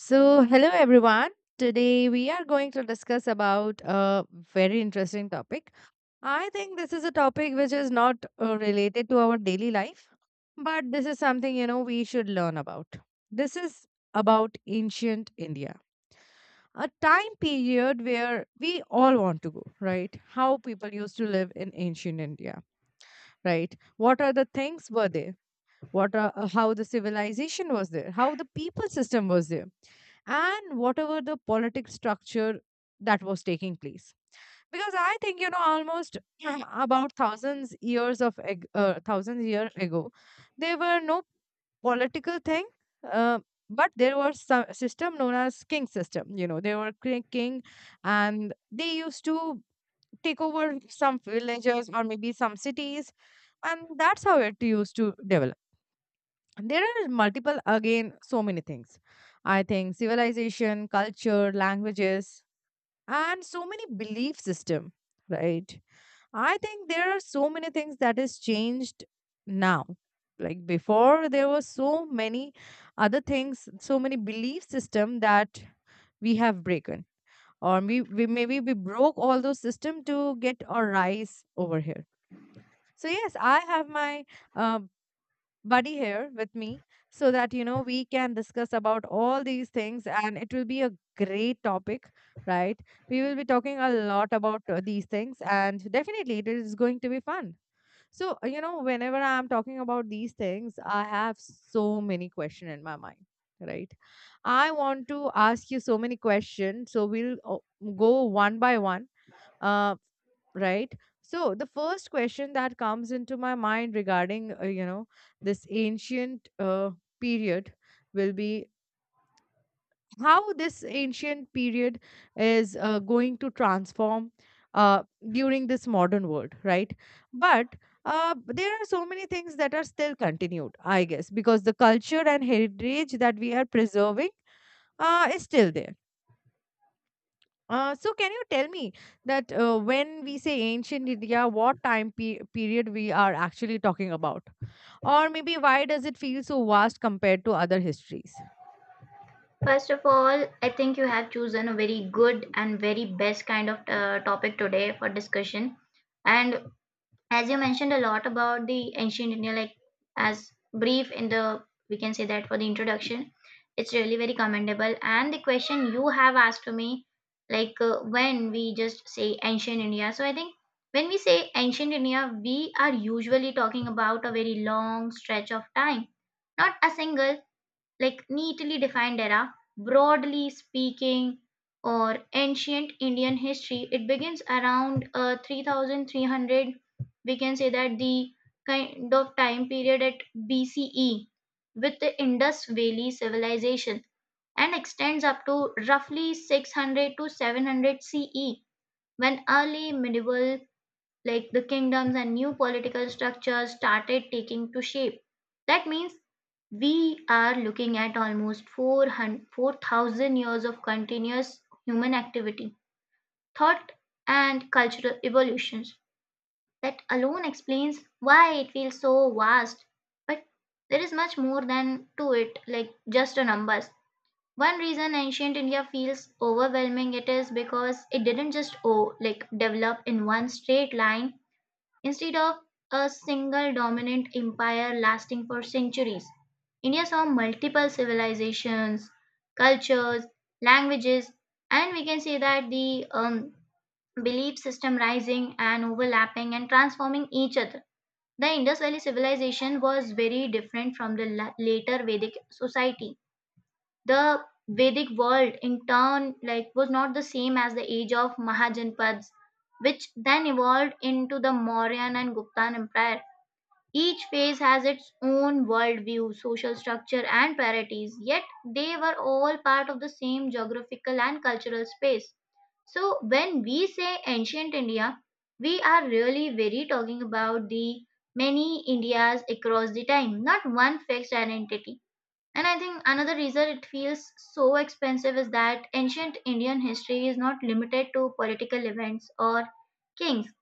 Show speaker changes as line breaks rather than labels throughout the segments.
So, hello everyone. Today we are going to discuss about a very interesting topic. I think this is a topic which is not related to our daily life, but this is something we should learn about. This is about ancient India, a time period where we all want to go, right? How people used to live in ancient India, right? What are the things were there? What are, how the civilization was there, how the people system was there, and whatever the politic structure that was taking place, because I think almost about thousands year ago there were no political thing, uh, but there was some system known as king system, they were king, and they used to take over some villages or maybe some cities, and that's how it used to develop. There are multiple, again, so many things. I think civilization, culture, languages, and so many belief system, right? I think there are so many things that is changed now. Like before, there were so many other things, so many belief system that we have broken. Or we maybe we broke all those system to get our rise over here. So yes, I have my uh, buddy here with me so that we can discuss about all these things, and it will be a great topic, right? We will be talking a lot about these things, and definitely it is going to be fun. So whenever I'm talking about these things, I have so many questions in my mind, right? I want to ask you so many questions, so we'll go one by one, uh, right? So the first question that comes into my mind regarding this ancient period will be how this ancient period is going to transform uh, during this modern world, right? But there are so many things that are still continued, I guess, because the culture and heritage that we are preserving is still there. So can you tell me that when we say ancient India, what period we are actually talking about? Or maybe why does it feel so vast compared to other histories?
First of all, I think you have chosen a very good and very best kind of topic today for discussion. And as you mentioned a lot about the ancient India, like as brief in the, we can say that for the introduction, it's really very commendable. And the question you have asked to me, like when we just say ancient India. So I think when we say ancient India, we are usually talking about a very long stretch of time, not a single like neatly defined era, broadly speaking, or ancient Indian history, it begins around 3300. We can say that the kind of time period at BCE with the Indus Valley civilization and extends up to roughly 600 to 700 CE when early medieval like the kingdoms and new political structures started taking to shape. That means we are looking at almost 400 4,000 years of continuous human activity, thought, and cultural evolutions. That alone explains why it feels so vast. But there is much more than to it, like just the numbers. One reason ancient India feels overwhelming it is because it didn't just like develop in one straight line. Instead of a single dominant empire lasting for centuries, India saw multiple civilizations, cultures, languages, and we can say that the belief system rising and overlapping and transforming each other. The Indus Valley civilization was very different from the later Vedic society. The Vedic world, in turn, like was not the same as the age of Mahajanpads, which then evolved into the Mauryan and Gupta empire. Each phase has its own worldview, social structure, and priorities, yet they were all part of the same geographical and cultural space. So, when we say ancient India, we are really very talking about the many Indias across the time, not one fixed identity. And I think another reason it feels so expensive is that ancient Indian history is not limited to political events or kings.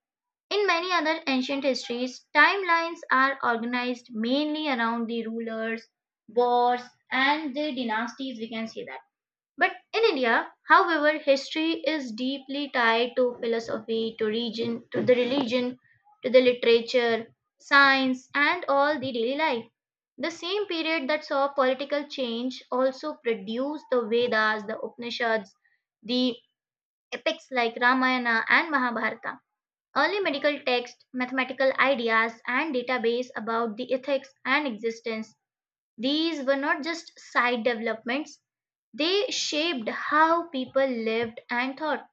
In many other ancient histories, timelines are organized mainly around the rulers, wars, and the dynasties. We can see that. But in India, however, history is deeply tied to philosophy, to region, to the religion, to the literature, science, and all the daily life. The same period that saw political change also produced the Vedas, the Upanishads, the epics like Ramayana and Mahabharata. Early medical texts, mathematical ideas, and database about the ethics and existence. These were not just side developments, they shaped how people lived and thought.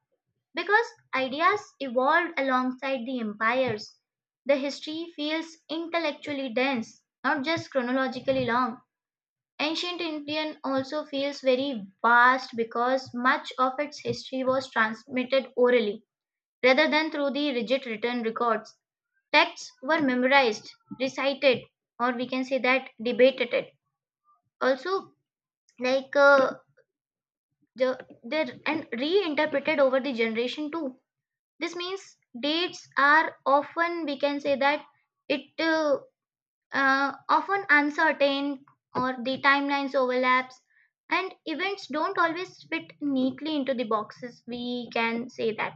Because ideas evolved alongside the empires, the history feels intellectually dense, not just chronologically long. Ancient Indian also feels very vast because much of its history was transmitted orally rather than through the rigid written records. Texts were memorized, recited, or we can say that debated. It. Also, like the, they're and reinterpreted over the generation too. This means dates are often we can say that it often uncertain or the timelines overlaps and events don't always fit neatly into the boxes we can say that.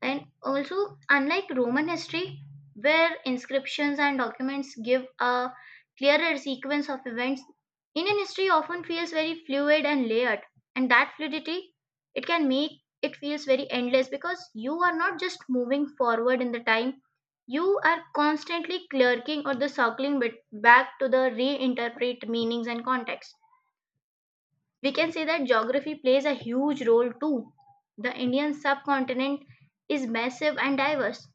And also, unlike Roman history, where inscriptions and documents give a clearer sequence of events, Indian history often feels very fluid and layered. And that fluidity, it can make it feels very endless because you are not just moving forward in the time, you are constantly clerking or the circling bit back to the reinterpret meanings and context we can say that. Geography plays a huge role too. The Indian subcontinent is massive and diverse,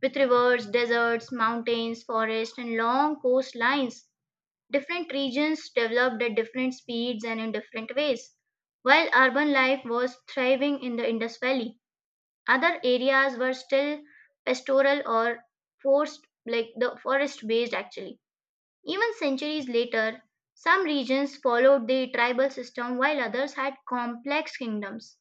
with rivers, deserts, mountains, forests, and long coastlines. Different regions developed at different speeds and in different ways. While urban life was thriving in the Indus Valley, other areas were still pastoral or forced, like the forest based actually. Even centuries later, some regions followed the tribal system while others had complex kingdoms.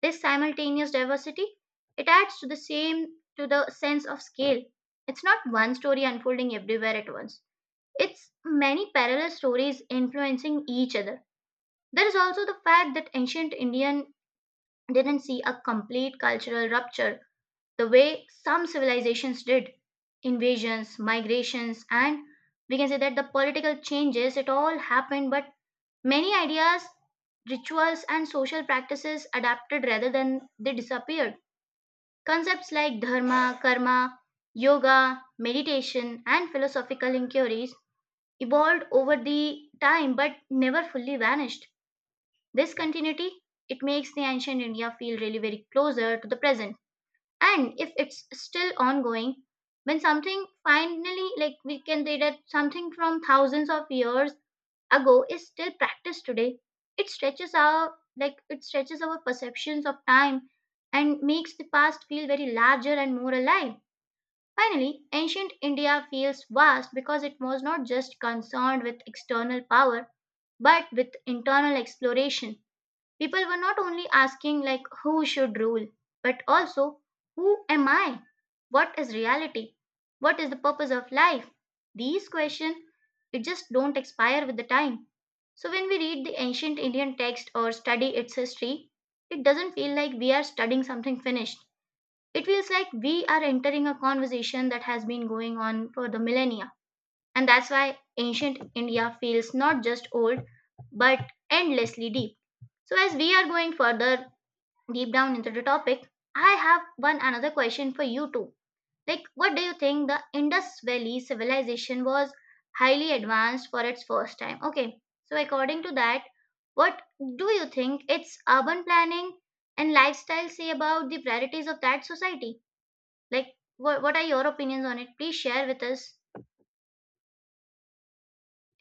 This simultaneous diversity it adds to the sense of scale. It's not one story unfolding everywhere at once. It's many parallel stories influencing each other. There is also the fact that ancient Indian didn't see a complete cultural rupture the way some civilizations did. Invasions, migrations, and we can say that the political changes, it all happened, but many ideas, rituals, and social practices adapted rather than they disappeared. Concepts like dharma, karma, yoga, meditation, and philosophical inquiries evolved over the time but never fully vanished. This continuity, it makes the ancient India feel really very closer to the present and if it's still ongoing. When something finally like we can say that something from thousands of years ago is still practiced today, it stretches our perceptions of time and makes the past feel very larger and more alive. Finally, ancient India feels vast because it was not just concerned with external power but with internal exploration. People were not only asking, like, who should rule, but also, who am I? What is reality? What is the purpose of life? These questions, it just don't expire with the time. So when we read the ancient Indian text or study its history, it doesn't feel like we are studying something finished. It feels like we are entering a conversation that has been going on for the millennia. And that's why ancient India feels not just old, but endlessly deep. So, as we are going further deep down into the topic, I have one another question for you too. Like, what do you think the Indus Valley civilization was highly advanced for its first time? Okay, so according to that, what do you think its urban planning and lifestyle say about the priorities of that society? Like, what are your opinions on it? Please share with us.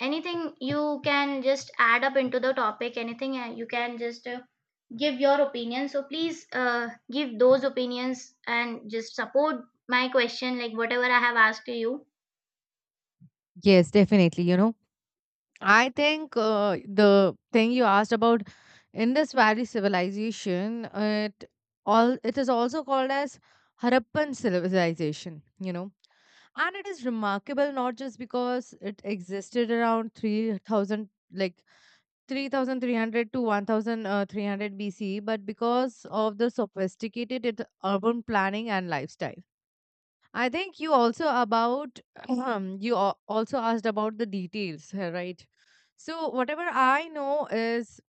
Anything you can just add up into the topic, anything you can just give your opinion, so please give those opinions and just support my question, like whatever I have asked to you.
Yes, definitely. You know, I think the thing you asked about Indus Valley civilization, it is also called as Harappan civilization. You know, and it is remarkable not just because it existed around 3000 like 3300 to 1300 BC, but because of the sophisticated urban planning and lifestyle. I think you also about you also asked about the details, right? So whatever I know is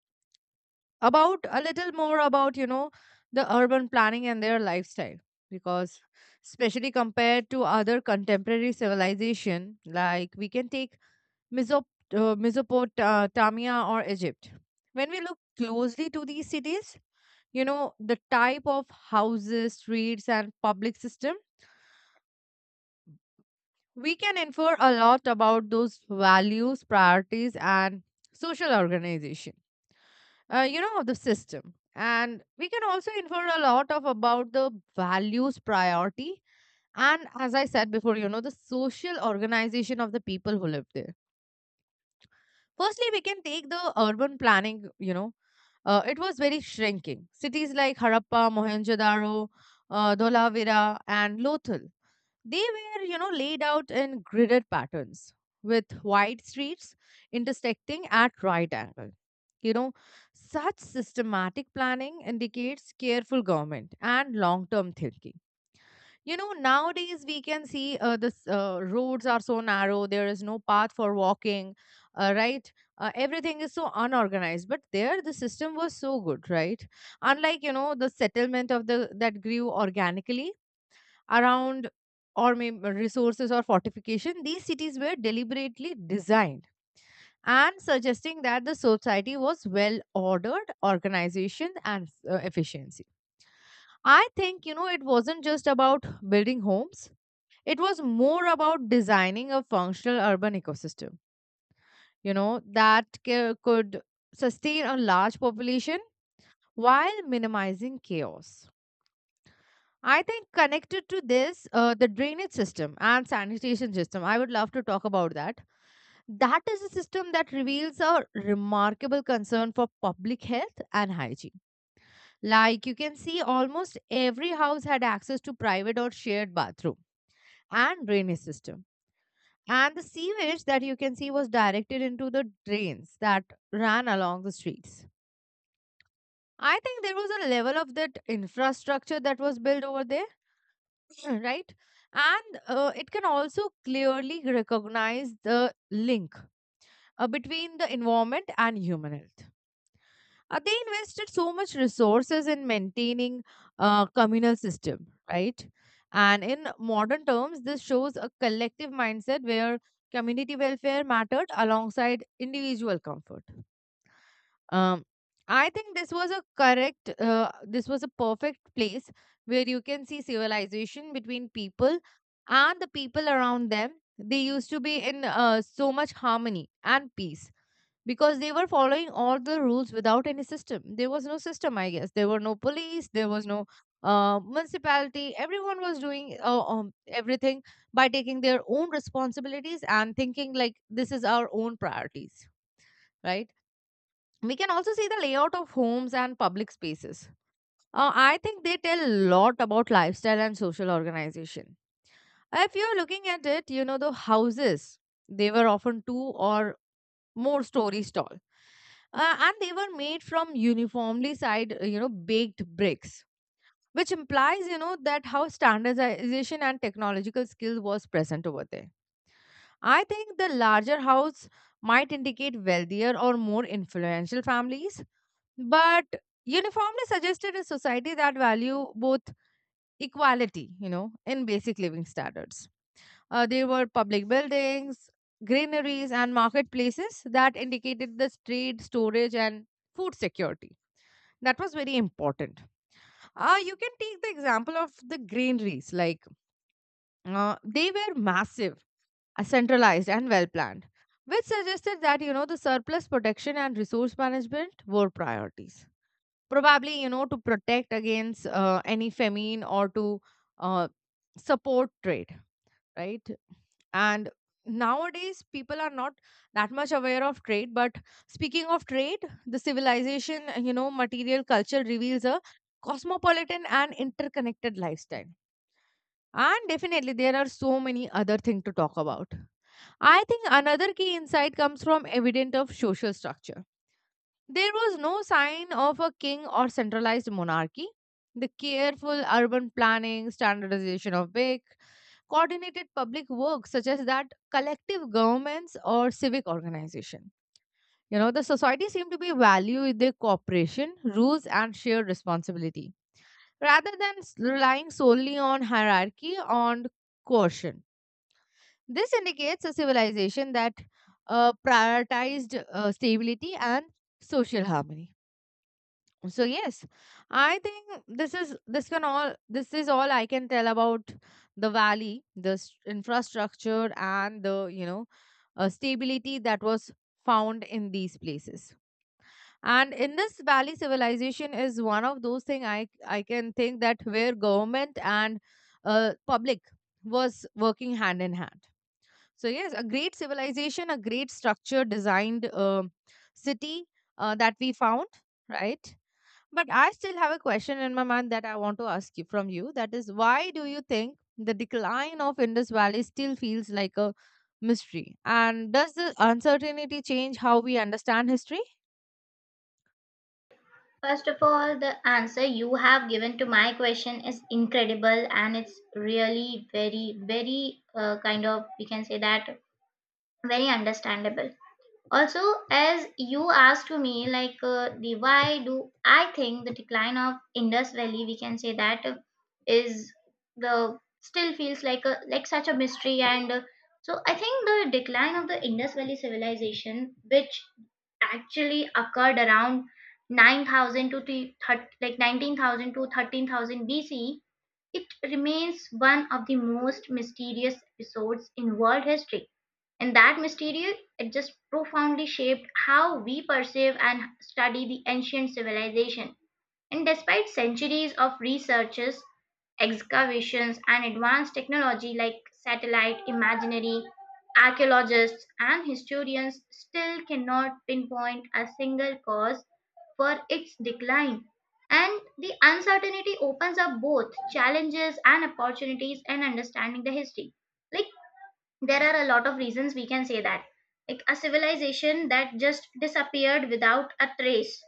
about a little more about the urban planning and their lifestyle, because especially compared to other contemporary civilization, like we can take Mesop- mesopotamia or egypt. When we look closely to these cities, you know, the type of houses, streets, and public system, we can infer a lot about those values, priorities, and social organization, you know, of the system. And we can also infer a lot of about the values, priority. And as I said before, you know, the social organization of the people who live there. Firstly, we can take the urban planning, you know, it was very shrinking. Cities like Harappa, Mohenjo-daro, Dholavira, and Lothal, they were, you know, laid out in gridded patterns with wide streets intersecting at right angle. You know, such systematic planning indicates careful government and long-term thinking. You know, nowadays we can see roads are so narrow, there is no path for walking, right? Everything is so unorganized. But there, the system was so good, right? Unlike, you know, the settlement of the that grew organically around or maybe resources or fortification, these cities were deliberately designed and suggesting that the society was well ordered, organization, and efficiency. I think, you know, it wasn't just about building homes, it was more about designing a functional urban ecosystem, you know, that could sustain a large population while minimizing chaos. I think connected to this, the drainage system and sanitation system, I would love to talk about that. That is a system that reveals a remarkable concern for public health and hygiene. Like you can see, almost every house had access to private or shared bathroom and drainage system. And the sewage that you can see was directed into the drains that ran along the streets. I think there was a level of that infrastructure that was built over there, right? And it can also clearly recognize the link between the environment and human health. They invested so much resources in maintaining a communal system, right? And in modern terms, this shows a collective mindset where community welfare mattered alongside individual comfort. Um, I think this was a correct, this was a perfect place where you can see civilization between people and the people around them. They used to be in so much harmony and peace because they were following all the rules without any system. There was no system, I guess. There were no police, there was no municipality. Everyone was doing everything by taking their own responsibilities and thinking like this is our own priorities, right? We can also see the layout of homes and public spaces. I think they tell a lot about lifestyle and social organization. If you're looking at it, you know, the houses, they were often two or more stories tall. And they were made from uniformly side, you know, baked bricks, which implies, you know, that how standardization and technological skill was present over there. I think the larger house might indicate wealthier or more influential families, but uniformly suggested a society that value both equality, you know, in basic living standards. There were public buildings, greeneries, and marketplaces that indicated the trade, storage, and food security. That was very important. You can take the example of the granaries. Like they were massive, centralized, and well planned, which suggested that you know the surplus protection and resource management were priorities, probably you know to protect against any famine or to uh, support trade, right? And nowadays people are not that much aware of trade, but speaking of trade, the civilization you know material culture reveals a cosmopolitan and interconnected lifestyle, and definitely there are so many other things to talk about. I think another key insight comes from evident of social structure. There was no sign of a king or centralized monarchy. The careful urban planning, standardization of big, coordinated public work, such as that collective governments or civic organization. You know, the society seemed to be valued their cooperation, rules, and shared responsibility, rather than relying solely on hierarchy on coercion. This indicates a civilization that prioritized stability and social harmony. So yes, I think this is all I can tell about the valley, the infrastructure, and the you know stability that was found in these places. And in this valley civilization is one of those thing I can think that where government and public was working hand in hand. So yes, a great civilization, a great structure designed city that we found, right? But I still have a question in my mind that I want to ask you from you. That is, why do you think the decline of Indus Valley still feels like a mystery? And does the uncertainty change how we understand history?
First of all, the answer you have given to my question is incredible and it's really very very kind of we can say that very understandable. Also, as you asked to me, like the why do I think the decline of Indus Valley, we can say that, is the still feels like a like such a mystery and so I think the decline of the Indus Valley civilization, which actually occurred around 9000 to the like 19,000 to 13,000 BC. It remains one of the most mysterious episodes in world history, and that mystery it just profoundly shaped how we perceive and study the ancient civilization. And despite centuries of researches, excavations, and advanced technology like satellite imaginary, archaeologists and historians still cannot pinpoint a single cause for its decline. And the uncertainty opens up both challenges and opportunities in understanding the history. Like, there are a lot of reasons we can say that. Like, a civilization that just disappeared without a trace.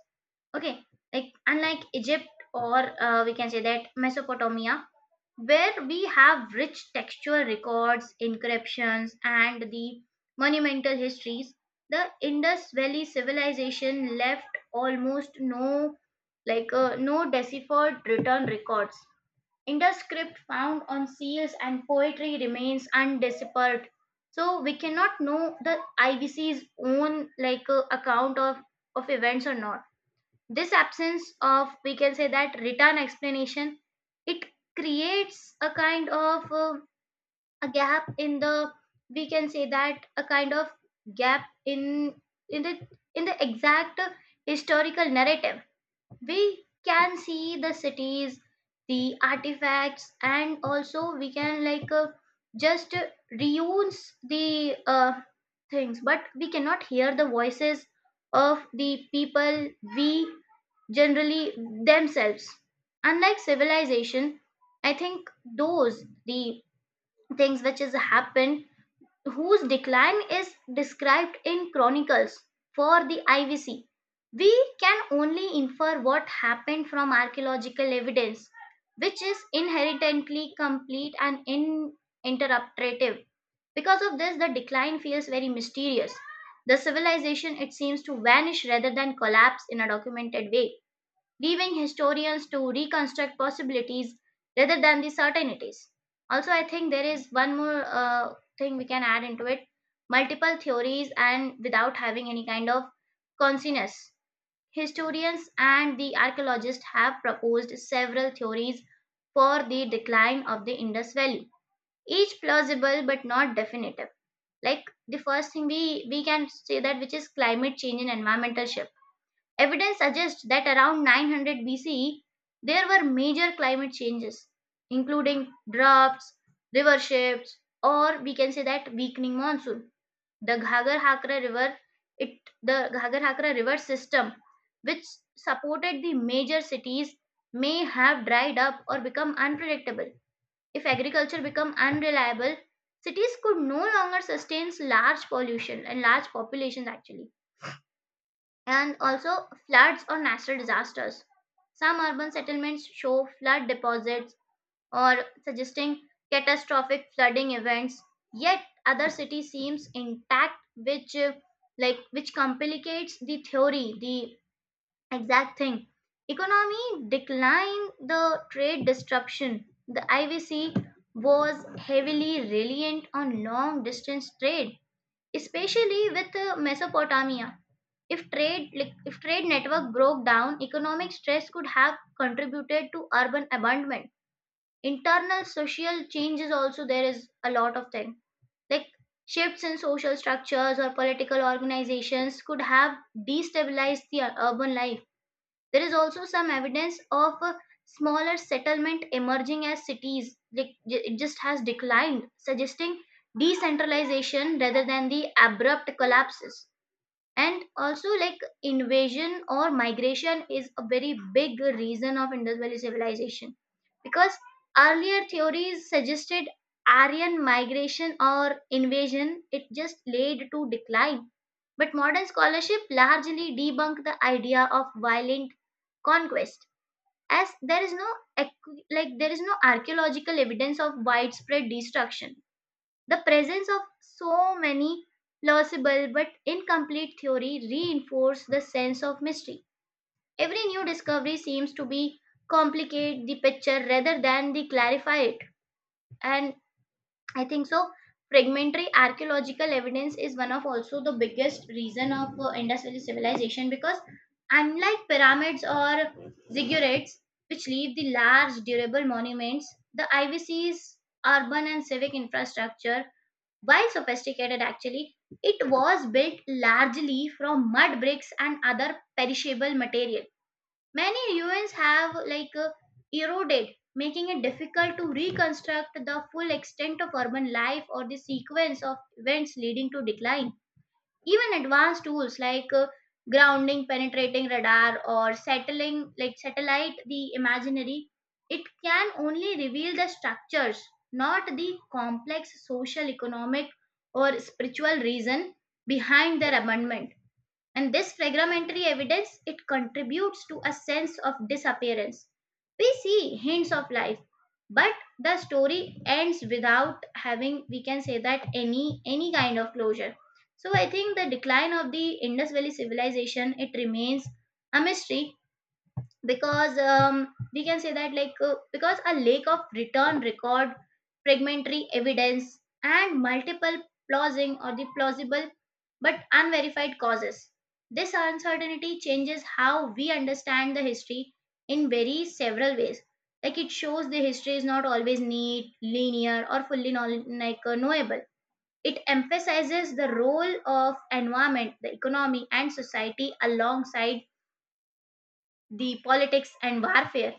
Okay, like unlike Egypt or we can say that Mesopotamia, where we have rich textual records, inscriptions, and the monumental histories, the Indus Valley civilization left almost no, like no deciphered written records. Indus script found on seals and poetry remains undeciphered. So we cannot know the IBC's own like account of events or not. This absence of, we can say that written explanation, it creates a kind of a gap in the, we can say that a kind of gap in the exact historical narrative. We can see the cities, the artifacts, and also we can like just reuse the things, but we cannot hear the voices of the people we generally themselves. Unlike civilization I think those the things which has happened whose decline is described in chronicles for the IVC. We can only infer what happened from archaeological evidence, which is inherently complete and uninterrupted. Because of this, the decline feels very mysterious. The civilization, it seems to vanish rather than collapse in a documented way, leaving historians to reconstruct possibilities rather than the certainties. Also, I think there is one more thing we can add into it, multiple theories and without having any kind of consensus. Historians and the archaeologists have proposed several theories for the decline of the Indus Valley, each plausible but not definitive. Like the first thing we can say that which is climate change and environmental shift. Evidence suggests that around 900 BCE, there were major climate changes, including droughts, river shifts, or we can say that weakening monsoon. The Ghagar-Hakra River, it the Ghagar-Hakra River system, which supported the major cities, may have dried up or become unpredictable. If agriculture become unreliable, cities could no longer sustain large pollution and large populations actually, and also floods or natural disasters. Some urban settlements show flood deposits or suggesting catastrophic flooding events, yet other city seems intact, which which complicates the theory, the exact thing. Economy decline, the trade disruption. The IVC was heavily reliant on long distance trade, especially with Mesopotamia. If if trade network broke down, economic stress could have contributed to urban abandonment. Internal social changes, also there is a lot of thing like shifts in social structures or political organizations could have destabilized the urban life. There is also some evidence of a smaller settlement emerging as cities it just has declined, suggesting decentralization rather than the abrupt collapses. And also, like, invasion or migration is a very big reason of Indus Valley civilization, because earlier theories suggested Aryan migration or invasion it just led to decline, but modern scholarship largely debunked the idea of violent conquest, as there is no there is no archaeological evidence of widespread destruction. The presence of so many plausible but incomplete theory reinforce the sense of mystery. Every new discovery seems to be complicate the picture rather than the clarify it. And I think so fragmentary archaeological evidence is one of also the biggest reason of Indus Valley civilization, because unlike pyramids or ziggurats which leave the large durable monuments, the IVC's urban and civic infrastructure, while sophisticated, actually, it was built largely from mud bricks and other perishable material. Many ruins have eroded, making it difficult to reconstruct the full extent of urban life or the sequence of events leading to decline. Even advanced tools like grounding, penetrating radar, or settling like satellite the imaginary, it can only reveal the structures, not the complex social, economic, or spiritual reason behind their abandonment. And this fragmentary evidence it contributes to a sense of disappearance. We see hints of life, but the story ends without having, we can say that, any kind of closure. So I think the decline of the Indus Valley civilization it remains a mystery, because we can say that because a lake of return record, fragmentary evidence, and multiple plausible or the plausible but unverified causes. This uncertainty changes how we understand the history in very several ways. Like, it shows the history is not always neat, linear, or fully knowl- like knowable. It emphasizes the role of environment, the economy, and society alongside the politics and warfare.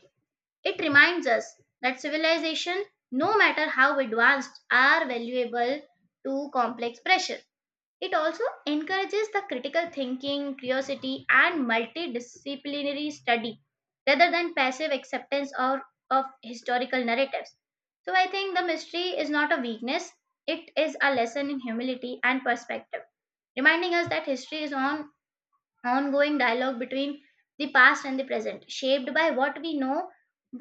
It reminds us that civilization, no matter how advanced, are valuable to complex pressure. It also encourages the critical thinking, curiosity, and multidisciplinary study rather than passive acceptance of historical narratives. So I think the mystery is not a weakness, it is a lesson in humility and perspective, reminding us that history is on ongoing dialogue between the past and the present, shaped by what we know,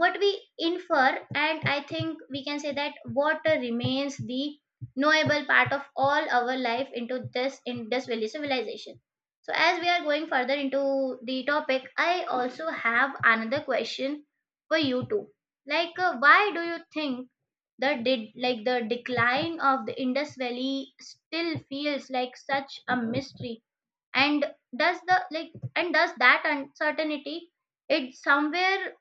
what we infer, and I think we can say that what remains the knowable part of all our life into this in this village civilization. So as we are going further into the topic, I also have another question for you too. Like, why do you think the did like the decline of the Indus Valley still feels like such a mystery, and does the like and does that uncertainty, it somewhere,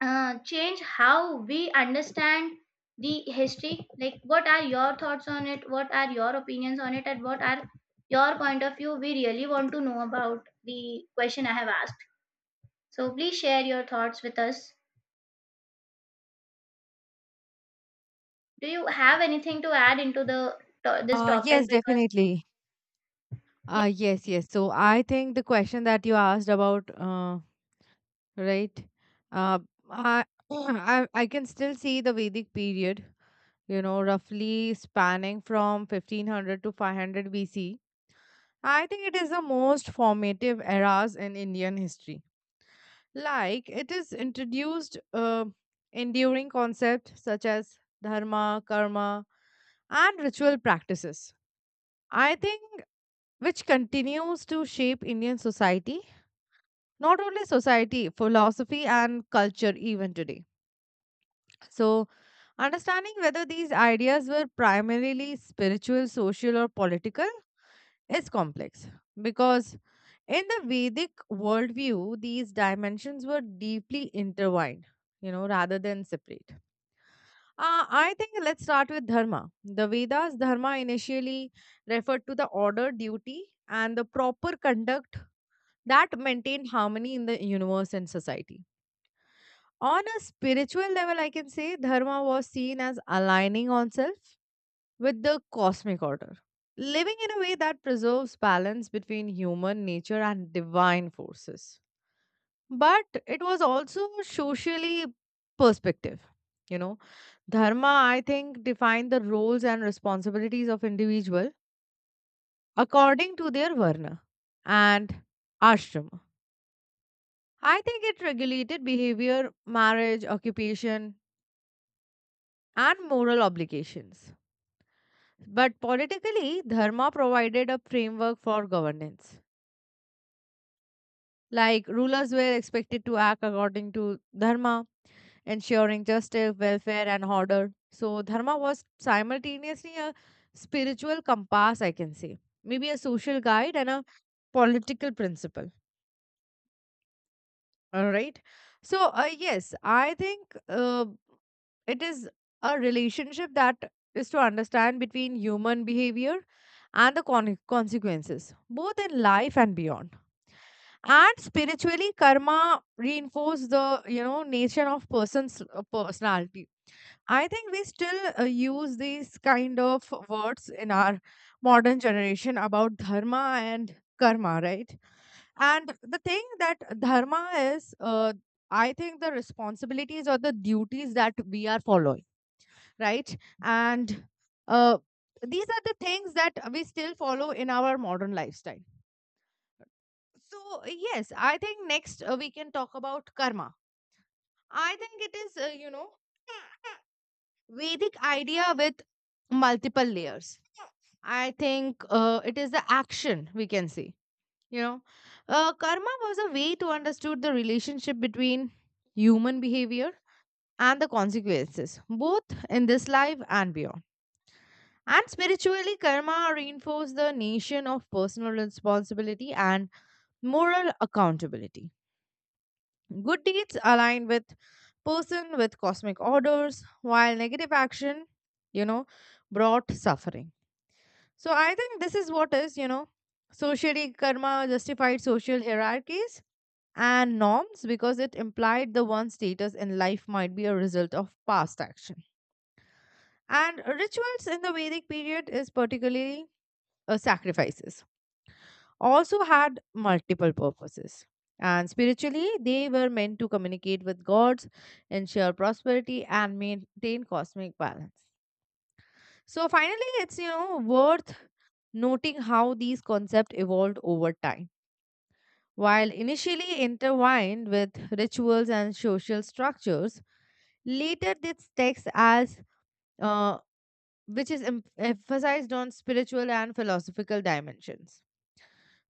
change how we understand the history? Like, what are your thoughts on it, what are your opinions on it, and what are your point of view? We really want to know about the question I have asked, so please share your thoughts with us. Do you have anything to add into this topic?
Yes,
Because
definitely.
yeah,
Yes. So I think the question that you asked about, right? Uh, I, I can still see the Vedic period, you know, roughly spanning from 1500 to 500 BC. I think it is the most formative eras in Indian history. Like it is introduced enduring concepts such as dharma, karma, and ritual practices. I think which continues to shape Indian society, not only society, philosophy, and culture even today. So, understanding whether these ideas were primarily spiritual, social, or political is complex, because in the Vedic worldview, these dimensions were deeply intertwined, you know, rather than separate. I think let's start with dharma. The Vedas' dharma initially referred to the order, duty, and the proper conduct that maintained harmony in the universe and society. On a spiritual level, I can say dharma was seen as aligning oneself with the cosmic order, living in a way that preserves balance between human nature and divine forces. But it was also socially perspective. You know, dharma, I think, defined the roles and responsibilities of individual according to their varna and ashrama. I think it regulated behavior, marriage, occupation, and moral obligations. But politically, dharma provided a framework for governance. Like rulers were expected to act according to dharma, ensuring justice, welfare, and order. So, dharma was simultaneously a spiritual compass, I can say, maybe a social guide and a political principle. All right. So, yes, I think it is a relationship that is to understand between human behavior and the consequences, both in life and beyond. And spiritually, karma reinforce the you know nature of person's personality. I think we still use these kind of words in our modern generation about dharma and karma, right? And the thing that dharma is, I think the responsibilities or the duties that we are following, right? And uh, these are the things that we still follow in our modern lifestyle. So, yes, I think next we can talk about karma. I think it is, you know, Vedic idea with multiple layers. I think it is the action we can see. You know, karma was a way to understood the relationship between human behavior and the consequences, both in this life and beyond. And spiritually, karma reinforced the notion of personal responsibility and moral accountability. Good deeds align with person with cosmic orders, while negative action, you know, brought suffering. So I think this is what is, you know, socially karma justified social hierarchies and norms because it implied the one's status in life might be a result of past action. And rituals in the Vedic period is particularly sacrifices also had multiple purposes. And spiritually, they were meant to communicate with gods, ensure prosperity, and maintain cosmic balance. So finally, it's you know worth noting how these concepts evolved over time. While initially intertwined with rituals and social structures, later this text, as uh, which is emphasized on spiritual and philosophical dimensions,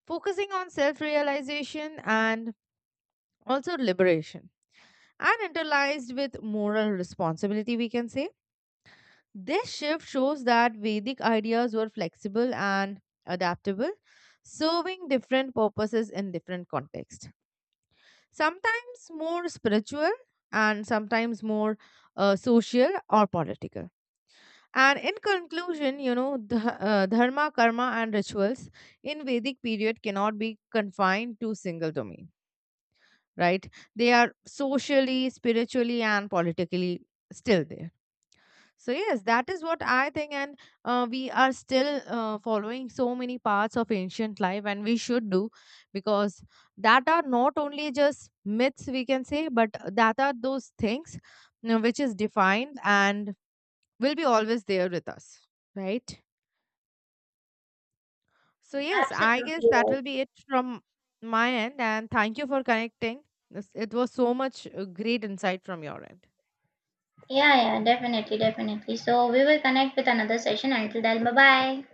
focusing on self-realization and also liberation, and interlaced with moral responsibility, we can say this shift shows that vedic ideas were flexible and adaptable, serving different purposes in different contexts, sometimes more spiritual and sometimes more social or political. And in conclusion, you know, the dharma, karma, and rituals in vedic period cannot be confined to single domain, right? They are socially, spiritually, and politically still there. So yes, that is what I think, and we are still following so many parts of ancient life, and we should do, because that are not only just myths we can say, but that are those things, you know, which is defined and will be always there with us, right? So yes, I
absolutely
guess that
right.
will be it from my end, and thank you for connecting. It was so much great insight from your end.
Yeah, yeah, definitely, definitely. So we will connect with another session. Until then, bye bye.